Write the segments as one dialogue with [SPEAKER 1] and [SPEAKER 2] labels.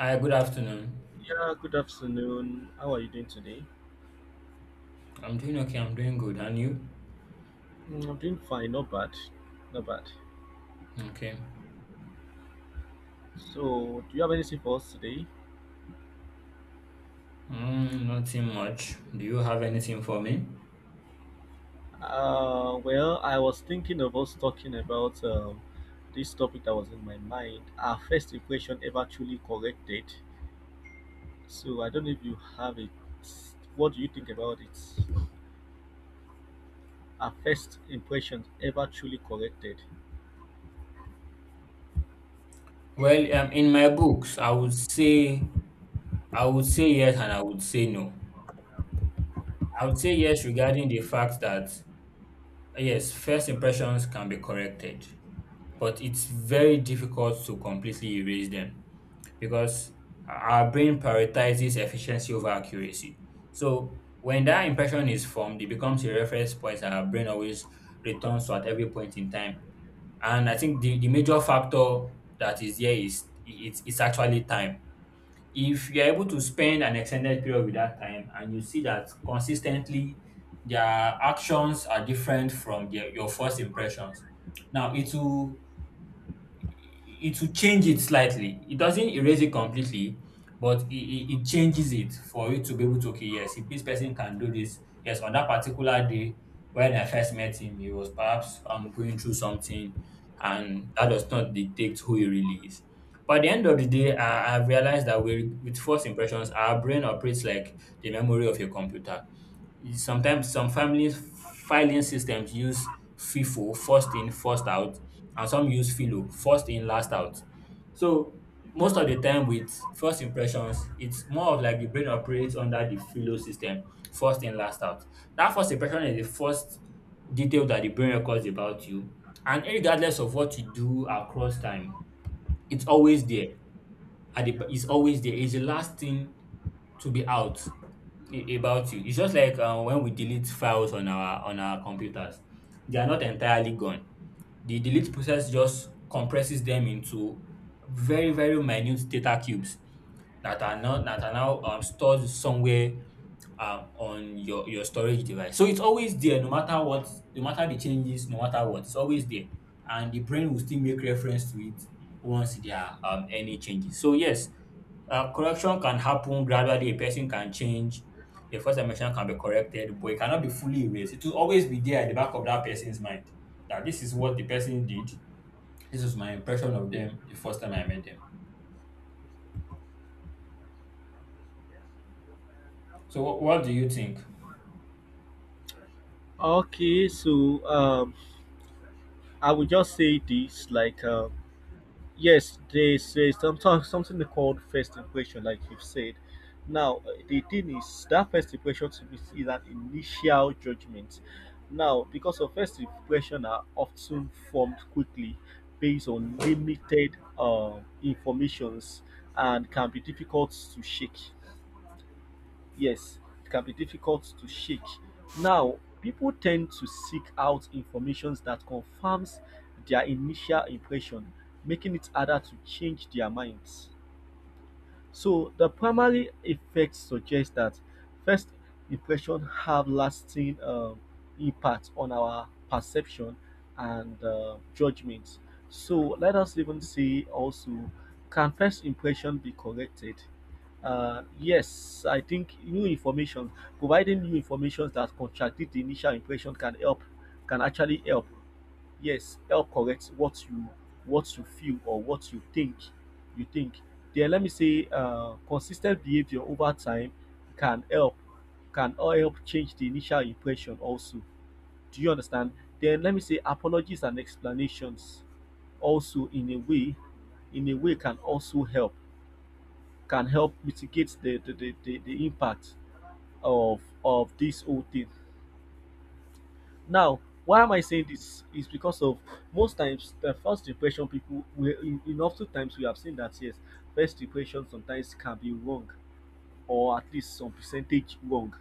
[SPEAKER 1] Hi, good afternoon.
[SPEAKER 2] Yeah, good afternoon. How are you doing today?
[SPEAKER 1] I'm doing okay. I'm doing good. And you?
[SPEAKER 2] I'm doing fine, not bad, not bad.
[SPEAKER 1] Okay.
[SPEAKER 2] So, do you have anything for us today?
[SPEAKER 1] Nothing much. Do you have anything for me?
[SPEAKER 2] Well, I was thinking of us talking about this topic that was in my mind. Our first equation ever truly corrected. So, I don't know if you have it. What do you think about it? Our first impression ever truly corrected.
[SPEAKER 1] Well, in my books, I would say yes and I would say no. I would say yes regarding the fact that yes, first impressions can be corrected, but it's very difficult to completely erase them. Because our brain prioritizes efficiency over accuracy. So when that impression is formed, it becomes a reference point that our brain always returns to at every point in time. And I think the major factor that is there is it's actually time. If you're able to spend an extended period with that time and you see that consistently their actions are different from their, your first impressions, now it will change it slightly. It doesn't erase it completely, but it changes it for you to be able to, okay, yes, if this person can do this, yes, on that particular day when I first met him, he was perhaps going through something, and that does not dictate who he really is. But at the end of the day, I've realized that we, with first impressions, our brain operates like the memory of a computer. Sometimes some families filing systems use FIFO, first in first out, and some use FILO, first in last out. So most of the time with first impressions it's more of like the brain operates under the FILO system, first in last out. That first impression is the first detail that the brain records about you, and regardless of what you do across time it's always there. At the it's always there, it's the last thing to be out about you. It's just like when we delete files on our computers, they are not entirely gone. The delete process just compresses them into very very minute data cubes Nathaniel stored somewhere on your storage device. So it's always there no matter what, no matter the changes, no matter what, it's always there. And the brain will still make reference to it once there are any changes. So yes, correction can happen gradually. A person can change. The first dimension can be corrected, but it cannot be fully erased. It will always be there at the back of that person's mind that this is what the person did. This is my impression of them the first time I met them. So, what do you think?
[SPEAKER 2] Okay, so I will just say this like. Yes, they say sometimes something called first impression, like you've said now. The thing is that first impression to me is an initial judgment, now because of first impression are often formed quickly, based on limited informations, and can be difficult to shake. Yes, it can be difficult to shake. Now, people tend to seek out information that confirms their initial impression, making it harder to change their minds. So the primary effect suggests that first impression have lasting impact on our perception and judgment. So let us even see also, can first impression be corrected? Yes, I think new information, providing new information that contradict the initial impression can help, can actually help. Yes, help correct what you feel, or what you think. Then let me say consistent behavior over time can help can all help change the initial impression also. Do you understand? Then let me say apologies and explanations also, in a way, can help mitigate the impact of this whole thing. Now, why am I saying this? Is because of most times the first impression people we in often times we have seen that yes, first impression sometimes can be wrong, or at least some percentage wrong.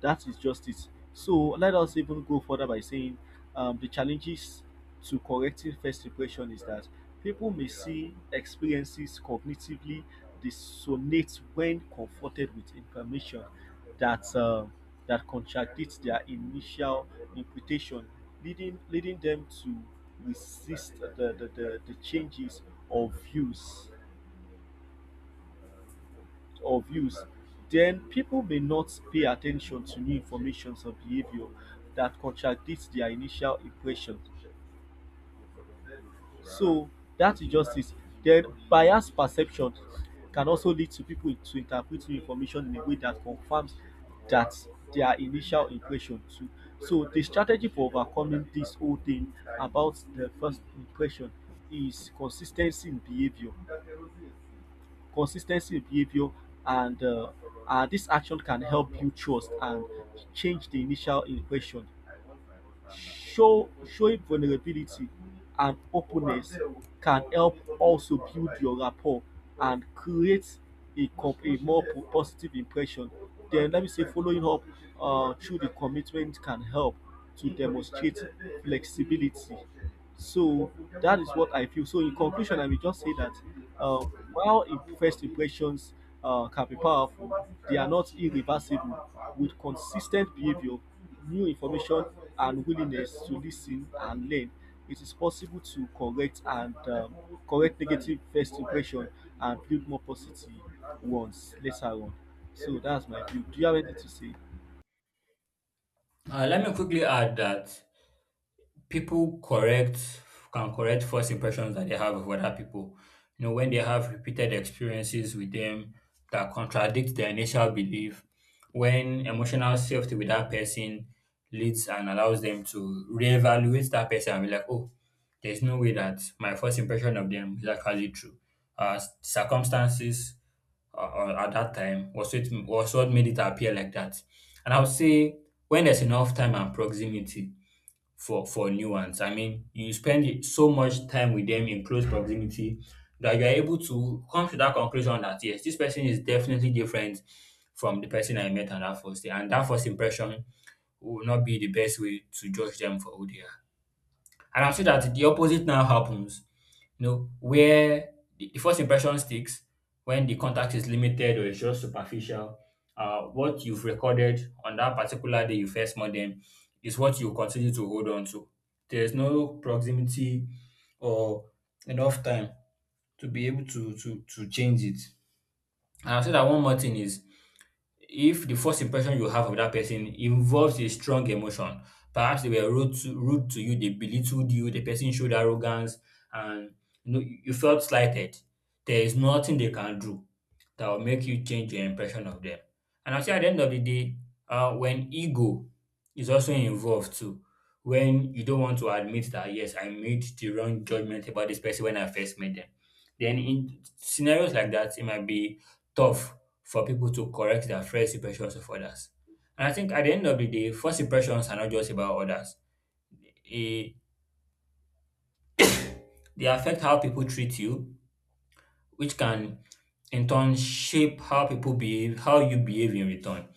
[SPEAKER 2] That is justice. So let us even go further by saying the challenges to correcting first impression is that people may see experiences cognitively dissonate when confronted with information that uh, that contradicts their initial interpretation, leading them to resist the changes of views or views. Then people may not pay attention to new informations or behavior that contradicts their initial impression. So that is just it. Then bias perception can also lead to people to interpret new information in a way that confirms that their initial impression too. So the strategy for overcoming this whole thing about the first impression is consistency in behavior. Consistency in behavior, and this action can help build trust and change the initial impression. Showing vulnerability and openness can help also build your rapport and create a, a more positive impression. Then let me say following up through the commitment can help to demonstrate flexibility. So that is what I feel. So in conclusion, I will just say that uh, first impressions can be powerful, they are not irreversible. With consistent behavior, new information, and willingness to listen and learn, it is possible to correct negative first impression, and build more positive ones later on. So that's my view. Do you have anything to say?
[SPEAKER 1] Let me quickly add that people correct can correct first impressions that they have of other people. You know, when they have repeated experiences with them that contradict their initial belief, when emotional safety with that person leads and allows them to reevaluate that person and be like, oh, there's no way that my first impression of them is actually true. Circumstances or at that time was what made it appear like that. And I would say when there's enough time and proximity, for nuance. I mean, you so much time with them in close proximity that you are able to come to that conclusion that yes, this person is definitely different from the person I met on that first day, and that first impression will not be the best way to judge them for who they are. And I'm sure that the opposite now happens, you know, where the first impression sticks when the contact is limited or it's just superficial. What you've recorded on that particular day you first met them is what you continue to hold on to. There's no proximity or enough time to be able to change it. And I'll say that one more thing is if the first impression you have of that person involves a strong emotion, perhaps they were rude to you, they belittled you, the person showed arrogance, and you know you felt slighted. There is nothing they can do that will make you change your impression of them. And actually, at the end of the day, when ego is also involved too, when you don't want to admit that yes, I made the wrong judgment about this person when I first met them, then in scenarios like that, it might be tough for people to correct their first impressions of others. And I think at the end of the day, first impressions are not just about others. Eh, they affect how people treat you, which can in turn shape how people behave, how you behave in return.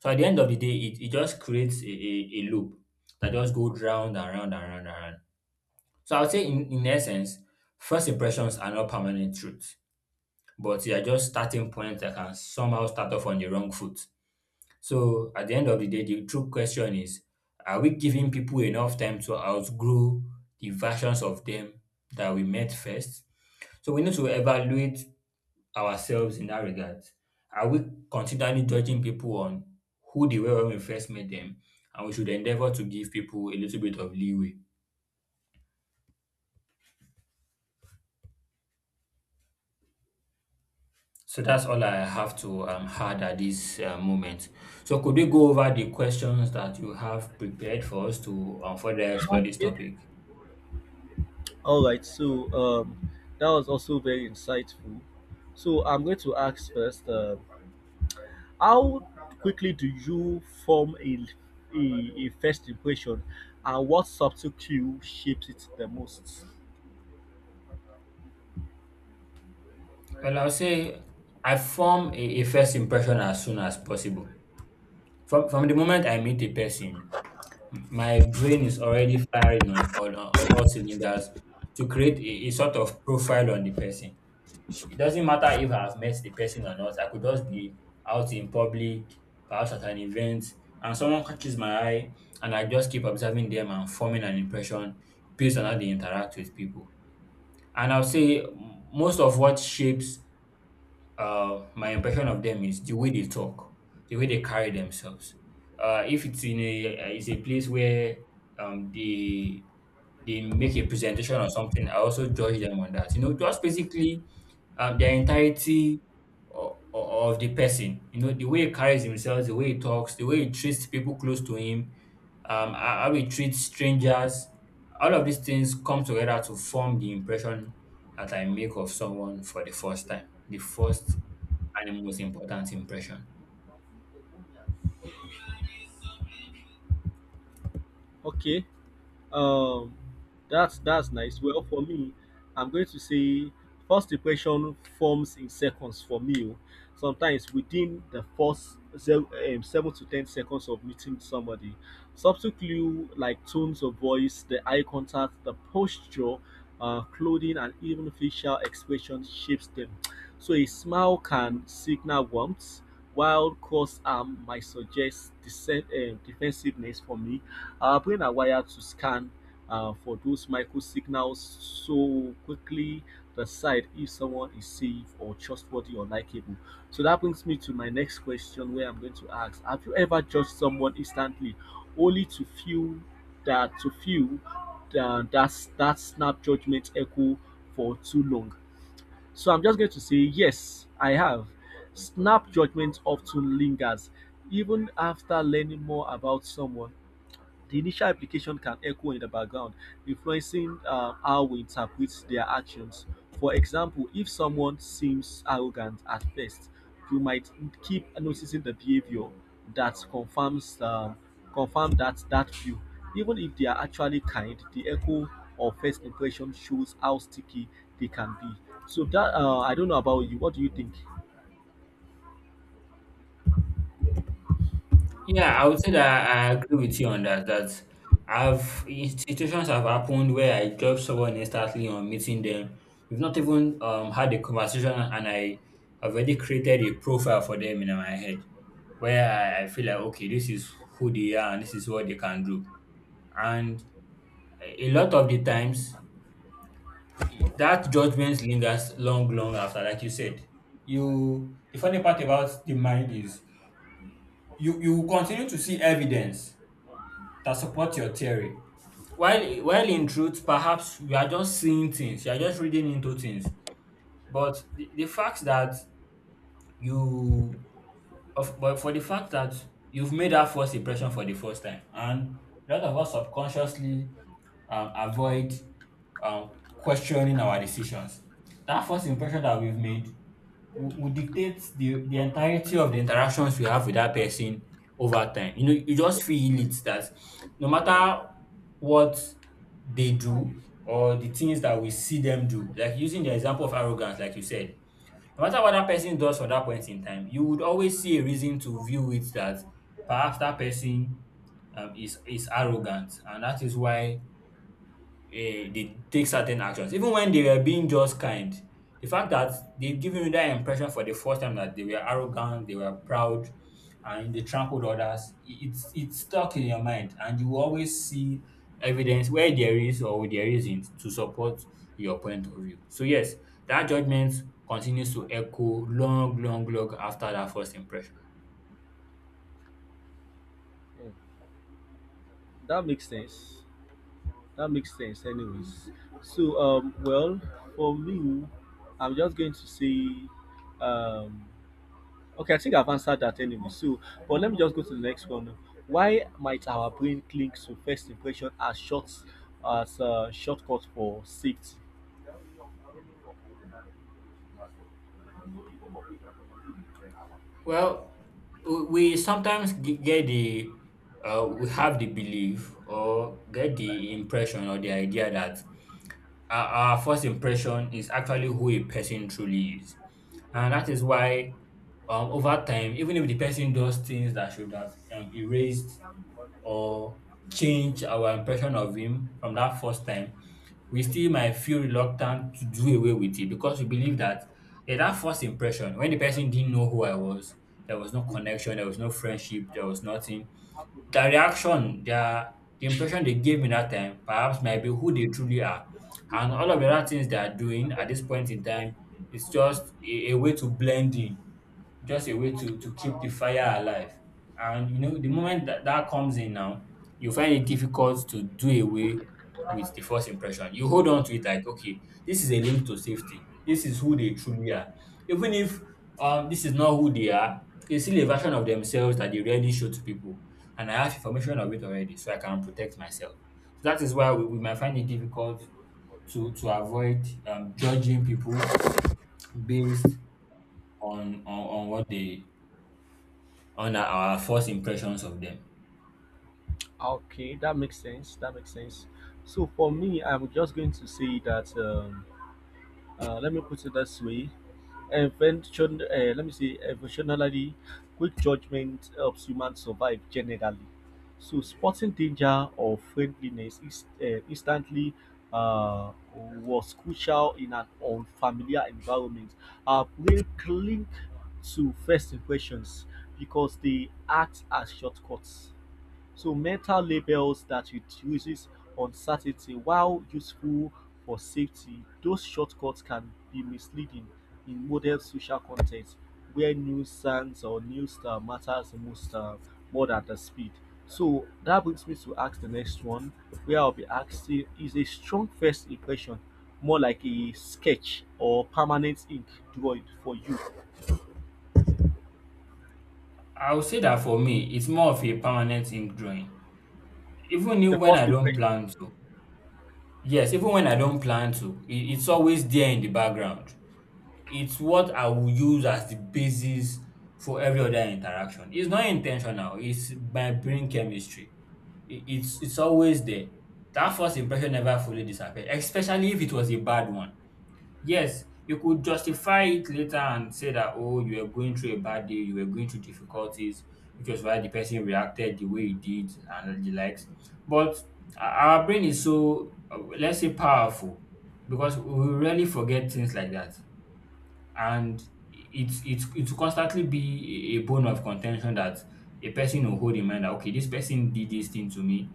[SPEAKER 1] So at the end of the day, it just creates a, a loop that just goes round and round and round and round. So I would say in essence, first impressions are not permanent truth, but they are just starting points that can somehow start off on the wrong foot. So at the end of the day, the true question is, are we giving people enough time to outgrow the versions of them that we met first? So we need to evaluate ourselves in that regard. Are we continually judging people on who they were when we first met them? And we should endeavor to give people a little bit of leeway. So that's all I have to add at this moment. So could we go over the questions that you have prepared for us to further explore this
[SPEAKER 2] Okay.
[SPEAKER 1] topic?
[SPEAKER 2] All right, so that was also very insightful. So I'm going to ask first, how quickly do you form a first impression, and what subtle cue shapes it the most?
[SPEAKER 1] Well, I'll say I form a first impression as soon as possible. From the moment I meet a person, my brain is already firing on all cylinders to create a sort of profile on the person. It doesn't matter if I've met the person or not. I could just be out in public, perhaps at an event, and someone catches my eye, and I just keep observing them and forming an impression based on how they interact with people. And I'll say most of what shapes my impression of them is the way they talk, the way they carry themselves. If it's in a It's a place where um, they they make a presentation or something, I also judge them on that. You know, just basically the entirety of the person. You know, the way he carries himself, the way he talks, the way he treats people close to him, how he treats strangers. All of these things come together to form the impression that I make of someone for the first time, the first and most important impression.
[SPEAKER 2] Okay. Um, that's nice. Well, for me, I'm going to say first impression forms in seconds for me. Oh. Sometimes within the first 7 to 10 seconds of meeting somebody, subtle clue like tones of voice, the eye contact, the posture, clothing, and even facial expression shapes them. So a smile can signal warmth, while cross arm might suggest defensiveness. For me, our brain are wired to scan for those micro signals, so quickly decide if someone is safe or trustworthy or likable. So that brings me to my next question, where I'm going to ask, have you ever judged someone instantly, only to feel that that snap judgment echo for too long? So I'm just going to say yes, I have. Snap judgment often lingers even after learning more about someone. The initial application can echo in the background, influencing how we interpret their actions. For example, if someone seems arrogant at first, you might keep noticing the behavior that confirm that that view. Even if they are actually kind, the echo of first impression shows how sticky they can be. So that, I don't know about you. What do you think?
[SPEAKER 1] Yeah, I would say that I agree with you on that. That I've situations have happened where I judge someone instantly on meeting them. We've not even had a conversation, and I have already created a profile for them in my head, where I feel like okay, this is who they are and this is what they can do. And a lot of the times, that judgment lingers long, long after, like you said. You The funny part about the mind is you will continue to see evidence that supports your theory. While in truth, perhaps you are just seeing things, you are just reading into things. But the fact that you of but for the fact that you've made that first impression for the first time, and a lot of us subconsciously avoid questioning our decisions. That first impression that we've made will dictate the entirety of the interactions we have with that person over time. You know, you just feel it that no matter what they do or the things that we see them do, like using the example of arrogance, like you said, no matter what that person does for that point in time, you would always see a reason to view it that perhaps that person is arrogant, and that is why they take certain actions. Even when they were being just kind, the fact that they've given you that impression for the first time that they were arrogant, they were proud, and they trampled others, it's stuck in your mind, and you will always see evidence where there is or there isn't to support your point of view. So yes, that judgment continues to echo long, long, long after that first impression.
[SPEAKER 2] Mm, That makes sense. That makes sense, anyways. So, well, for me, I'm just going to say, um, okay, I think I've answered that anyway. So, but let me just go to the next one. Why might our brain cling to first impression as a shortcut for safety?
[SPEAKER 1] Well, w- we sometimes get the, we have the belief or get the impression or the idea that our first impression is actually who a person truly is. And that is why, over time, even if the person does things that should have erased or changed our impression of him from that first time, we still might feel reluctant to do away with it because we believe that, yeah, that first impression, when the person didn't know who I was, there was no connection, there was no friendship, there was nothing. Their reaction, the impression they gave me that time perhaps might be who they truly are. And all of the other things they are doing at this point in time is just a way to blend in, just a way to keep the fire alive. And the moment that that comes in now, you find it difficult to do away with the first impression. You hold on to it like, okay, this is a link to safety. This is who they truly are. Even if this is not who they are, it's still a version of themselves that they rarely show to people. And I have information of it already, so I can protect myself. So that is why we might find it difficult to avoid judging people based on what they on our first impressions of them.
[SPEAKER 2] Okay, that makes sense. That makes sense. So, for me, I'm just going to say that. Let me put it this way. Eventual, let me say Evolutionarily, quick judgment helps humans survive generally. So spotting danger or friendliness is instantly was crucial in an unfamiliar environment. Our brain cling to first impressions because they act as shortcuts, so meta labels that reduces uncertainty. While useful for safety, those shortcuts can be misleading in modern social context, where news, nuisance or news matters most more than the speed. So that brings me to ask the next one, where I'll be asking, is a strong first impression more like a sketch or permanent ink drawing for you?
[SPEAKER 1] I would say that for me, it's more of a permanent ink drawing. Even if
[SPEAKER 2] The
[SPEAKER 1] when I
[SPEAKER 2] first
[SPEAKER 1] don't
[SPEAKER 2] impression.
[SPEAKER 1] plan to, yes, even when I don't plan to, it's always there in the background. It's what I will use as the basis for every other interaction. It's not intentional, it's my brain chemistry. It's always there. That first impression never fully disappears, especially if it was a bad one. Yes, you could justify it later and say that, oh, you were going through a bad day, you were going through difficulties, which was why the person reacted the way he did and the likes. But our brain is so, let's say, powerful because we rarely forget things like that. And it will constantly be a bone of contention, that a person will hold in mind that, okay, this person did this thing to me,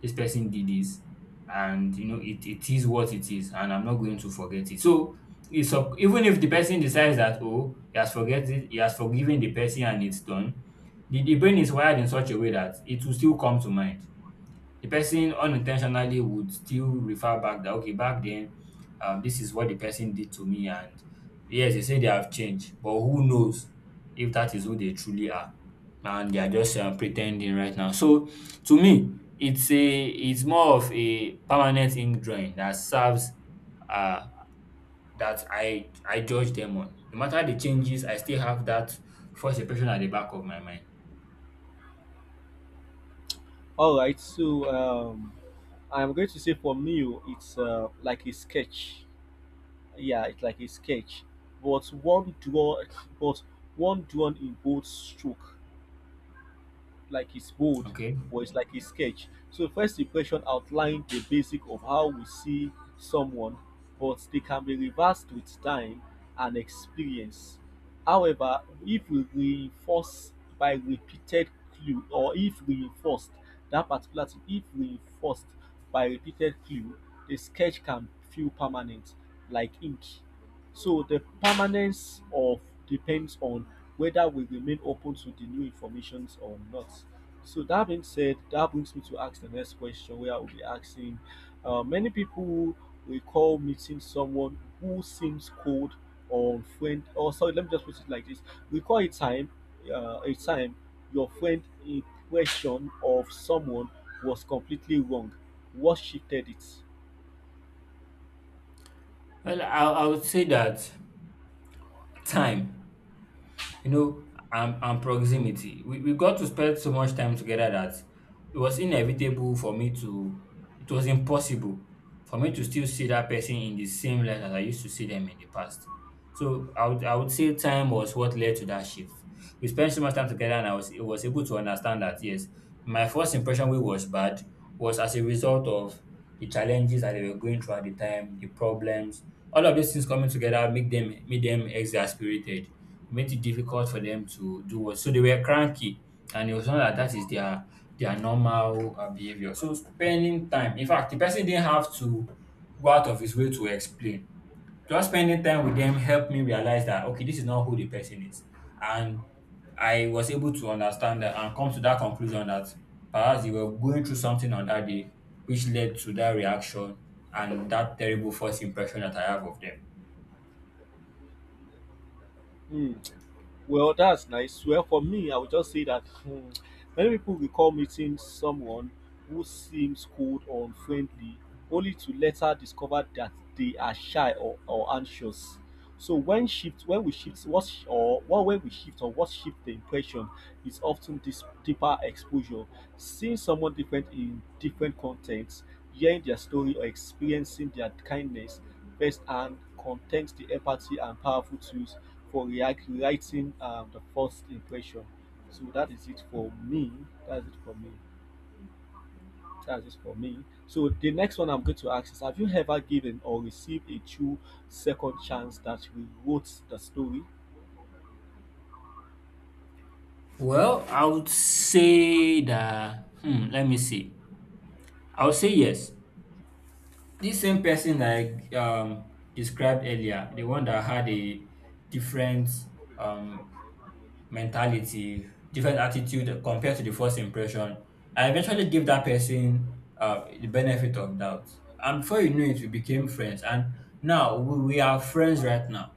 [SPEAKER 1] this person did this, and it is what it is, and I'm not going to forget it. So it's up, even if the person decides that, oh, he has forget it, he has forgiven the person, and it's done, the brain is wired in such a way that it will still come to mind. The person unintentionally would still refer back that, okay, back then, this is what the person did to me. And yes, they say they have changed, but who knows if that is who they truly are, and they are just pretending right now. So to me, it's more of a permanent ink drawing that serves, uh that I judge them on. No matter the changes, I still have that first impression at the back of my mind.
[SPEAKER 2] All right, so I'm going to say for me, oh, it's like a sketch. Yeah, it's like a sketch, but but one drawn in bold stroke, like his bold,
[SPEAKER 1] Okay.
[SPEAKER 2] or it's like his sketch. So first impression outlines the basic of how we see someone, but they can be reversed with time and experience. However, if we reinforce by repeated clue, or if reinforced that particular thing, if reinforced by repeated clue, the sketch can feel permanent, like ink. So the permanence of depends on whether we remain open to the new information or not. So that being said, that brings me to ask the next question, where I will be asking, many people recall meeting someone who seems cold, or friend, or sorry, let me just put it like this. Recall a time your friend impression of someone was completely wrong. What shifted it?
[SPEAKER 1] Well, I would say that time, you know, and proximity. We got to spend so much time together that it was inevitable for me to, it was impossible for me to still see that person in the same light as I used to see them in the past. So I would say time was what led to that shift. We spent so much time together, and I was able to understand that, yes, my first impression we was bad was as a result of the challenges that they were going through at the time, the problems, all of these things coming together make them made them exasperated. It made it difficult for them to do what. So they were cranky, and it was not that that is their normal behavior. So spending time. In fact, the person didn't have to go out of his way to explain. Just spending time with them helped me realize that, okay, this is not who the person is. And I was able to understand that and come to that conclusion that perhaps they were going through something on that day which led to that reaction and that terrible first impression that I have of them.
[SPEAKER 2] Hmm. Well, that's nice. Well, for me, I would just say that many people recall meeting someone who seems cold or unfriendly, only to later discover that they are shy, or anxious. So when shift, when we shift, what or what way we shift, or what shift the impression, is often this deeper exposure, seeing someone different in different contexts, hearing their story, or experiencing their kindness firsthand, contains the empathy and powerful tools for writing the first impression. So that is it for me. That's it for me. That's it for me. So the next one I'm going to ask is: have you ever given or received a true second chance that rewrote the story?
[SPEAKER 1] Well, I would say that, let me see. I would say yes. This same person that I described earlier, the one that had a different um mentality, different attitude compared to the first impression. I eventually gave that person the benefit of doubt. And before you knew it, we became friends. And now we are friends right now.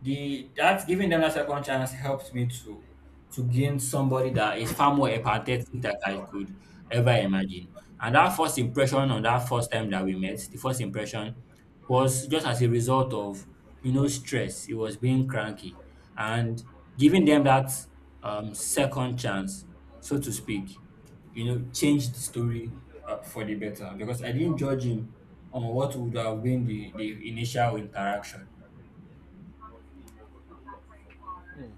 [SPEAKER 1] The that giving them that second chance helped me to gain somebody that is far more empathetic than I could ever imagine. And that first impression on that first time that we met, the first impression was just as a result of, stress. He was being cranky, and giving them that second chance, so to speak, changed the story, for the better, because I didn't judge him on what would have been the initial interaction.
[SPEAKER 2] Hmm.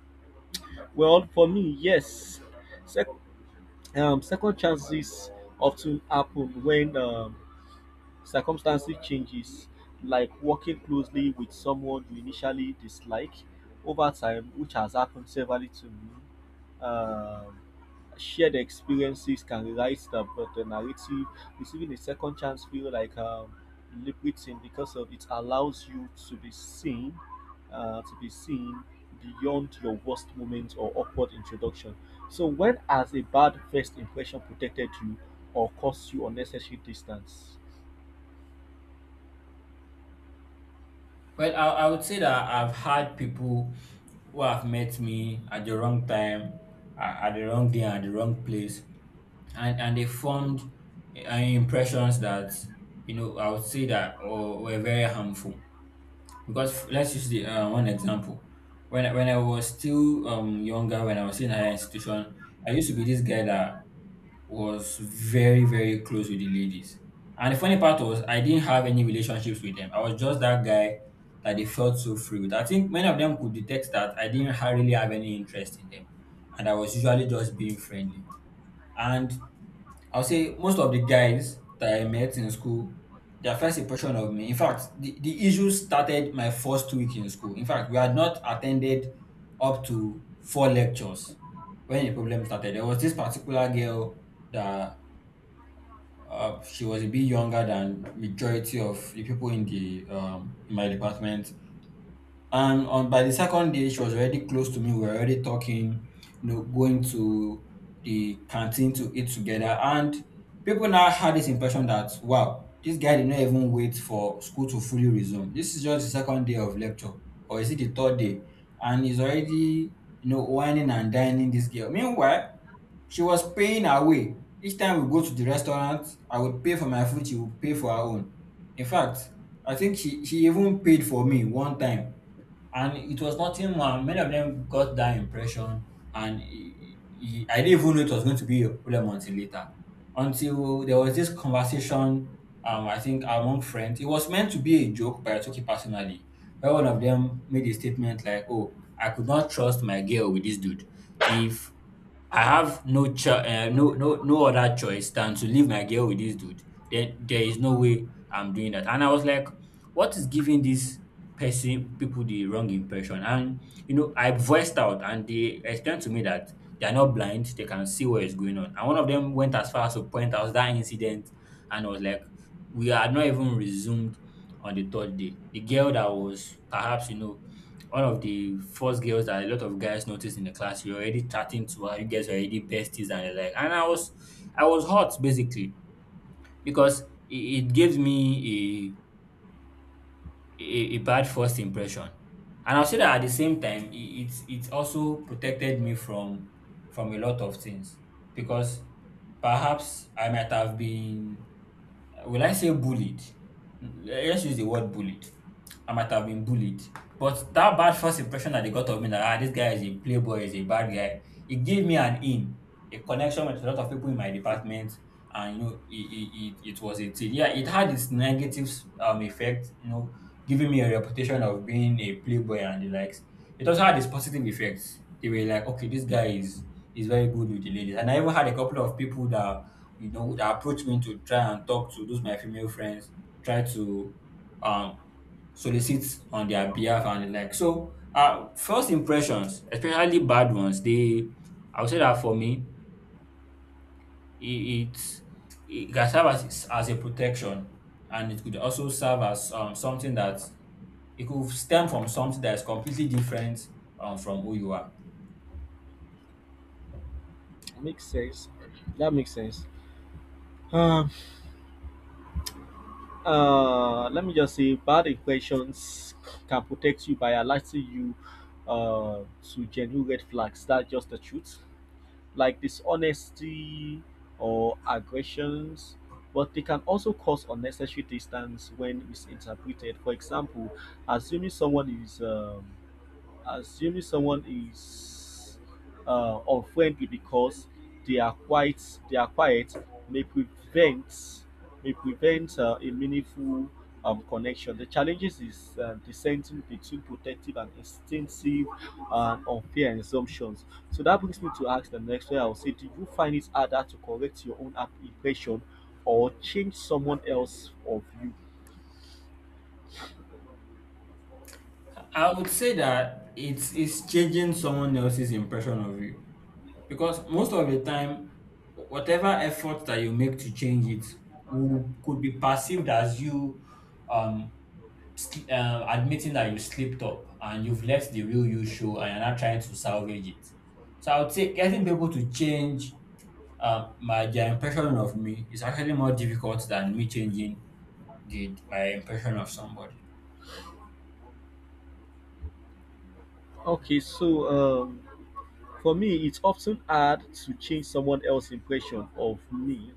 [SPEAKER 2] Well, for me, yes. Sec- Second chances often happen when circumstances changes, like working closely with someone you initially dislike over time, which has happened severely to me. Shared experiences can rewrite the narrative. Receiving a second chance feel like liberating, because of it allows you to be seen beyond your worst moment or awkward introduction. So when has a bad first impression protected you or caused you unnecessary distance?
[SPEAKER 1] Well, I would say that I've had people who have met me at the wrong time, at the wrong day, and at the wrong place, and they formed impressions that, you know, I would say that or were very harmful. Because let's use the one example. When I was still younger, when I was in higher institution, I used to be this guy that was very, very close with the ladies. And the funny part was I didn't have any relationships with them. I was just that guy that they felt so free with. I think many of them could detect that I didn't really have any interest in them, and I was usually just being friendly. And I'll say most of the guys that I met in school, their first impression of me, in fact, the issue started my first week in school. In fact, we had not attended up to four lectures when the problem started. There was this particular girl that, she was a bit younger than majority of the people in the in my department. And on by the second day, she was already close to me. We were already talking, going to the canteen to eat together. And people now had this impression that, wow, this guy did not even wait for school to fully resume. This is just the second day of lecture, or is it the third day? And he's already, whining and dining this girl. Meanwhile, she was paying her way. Each time we go to the restaurant, I would pay for my food, she would pay for her own. In fact, I think she even paid for me one time, and it was nothing more. Many of them got that impression, and I didn't even know it was going to be a problem until later. Until there was this conversation, I think among friends, it was meant to be a joke, but I took it personally. Where one of them made a statement like, "Oh, I could not trust my girl with this dude. If I have no other choice than to leave my girl with this dude, then there is no way I'm doing that." And I was like, what is giving this person people the wrong impression? And I voiced out, and they explained to me that they are not blind, they can see what is going on. And one of them went as far as to point out that incident and was like, we are not even resumed on the third day. The girl that was perhaps, one of the first girls that a lot of guys noticed in the class, you're already chatting to her. You guys are already besties, and you like, and I was hot basically, because it gave me a bad first impression. And I'll say that, at the same time, it also protected me from a lot of things, because perhaps I might have been, will I say bullied? Let's use the word bullied. I might have been bullied. But that bad first impression that they got of me, that, this guy is a playboy, is a bad guy, it gave me an in, a connection with a lot of people in my department. And it was a thing. Yeah, it had its negative effect, giving me a reputation of being a playboy and the likes. It also had its positive effects. They were like, okay, this guy is very good with the ladies. And I even had a couple of people that, that approached me to try and talk to those my female friends, try to um solicit on their behalf and the like. So, first impressions, especially bad ones, they, I would say that, for me, it it, it can serve as a protection, and it could also serve as something that, it could stem from something that is completely different, from who you are.
[SPEAKER 2] Makes sense. That makes sense. Um, Let me just say, bad impressions can protect you by alerting you uh, to genuine red flags. That's just the truth. Like dishonesty or aggressions, but they can also cause unnecessary distance when misinterpreted. For example, assuming someone is um, assuming someone is unfriendly because they are quite they are quiet, may prevent may prevent a meaningful connection. The challenges is dissenting between protective and instinctive and unfair assumptions. So that brings me to ask the next one. I will say, do you find it harder to correct your own impression, or change someone else of you?
[SPEAKER 1] I would say that it's changing someone else's impression of you. Because most of the time, whatever effort that you make to change it could be perceived as you um, admitting that you slipped up, and you've left the real you show, and you're not trying to salvage it. So I would say getting people to change my their impression of me is actually more difficult than me changing the my impression of somebody.
[SPEAKER 2] Okay, so for me, it's often hard to change someone else's impression of me,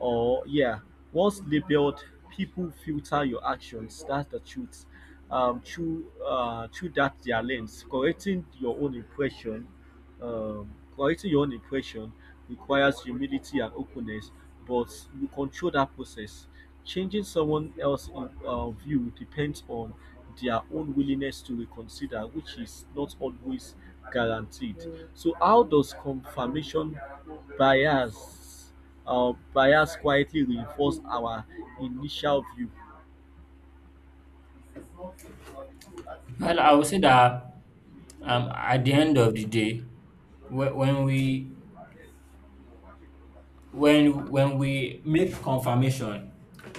[SPEAKER 2] or yeah, once labeled, people filter your actions, that's the truth, through through that their lens. Correcting your own impression requires humility and openness, but you control that process. Changing someone else's view depends on their own willingness to reconsider, which is not always guaranteed. So how does confirmation bias bias quietly reinforce our initial view?
[SPEAKER 1] Well, I would say that, at the end of the day, whe- when we when we make confirmation,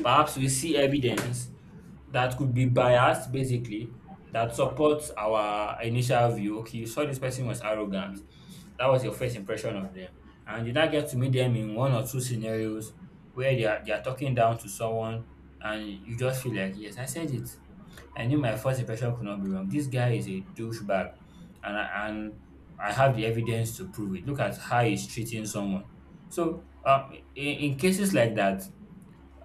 [SPEAKER 1] perhaps we see evidence that could be biased basically, that supports our initial view. Okay, you saw this person was arrogant. That was your first impression of them. And you now get to meet them in one or two scenarios where they are talking down to someone, and you just feel like, yes, I said it. I knew my first impression could not be wrong. This guy is a douchebag, and I have the evidence to prove it. Look at how he's treating someone. So, in cases like that,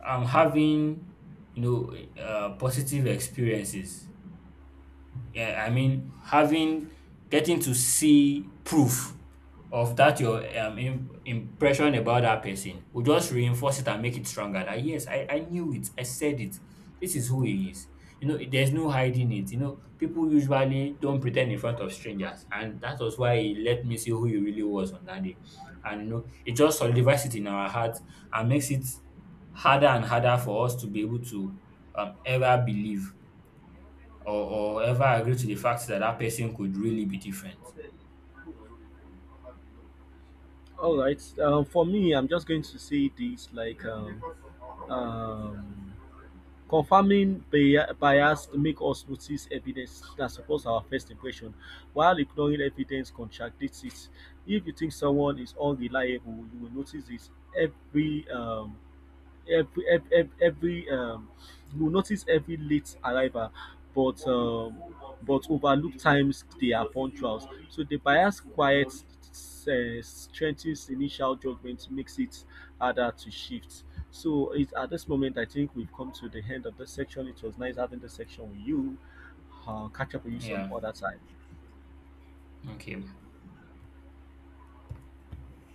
[SPEAKER 1] I'm having, positive experiences, yeah, I mean, having, getting to see proof of that your impression about that person will just reinforce it and make it stronger. That, yes, I knew it. I said it. This is who he is. There's no hiding it. People usually don't pretend in front of strangers, and that was why he let me see who he really was on that day. And it just solidifies it in our heart and makes it harder and harder for us to be able to ever believe, or ever agree to the fact that that person could really be different.
[SPEAKER 2] All right. For me, I'm just going to say this like um, confirming bias make us notice evidence that supports our first impression, while ignoring evidence contradicts it. If you think someone is unreliable, you will notice it every um, every you will notice every late arrival, but um but overlook times they are punctuals. So the bias quiet strengthens initial judgment, makes it harder to shift. So it's at this moment, I think we've come to the end of this section. It was nice having this section with you. Catch up with you some
[SPEAKER 1] Yeah.
[SPEAKER 2] other time.
[SPEAKER 1] Okay.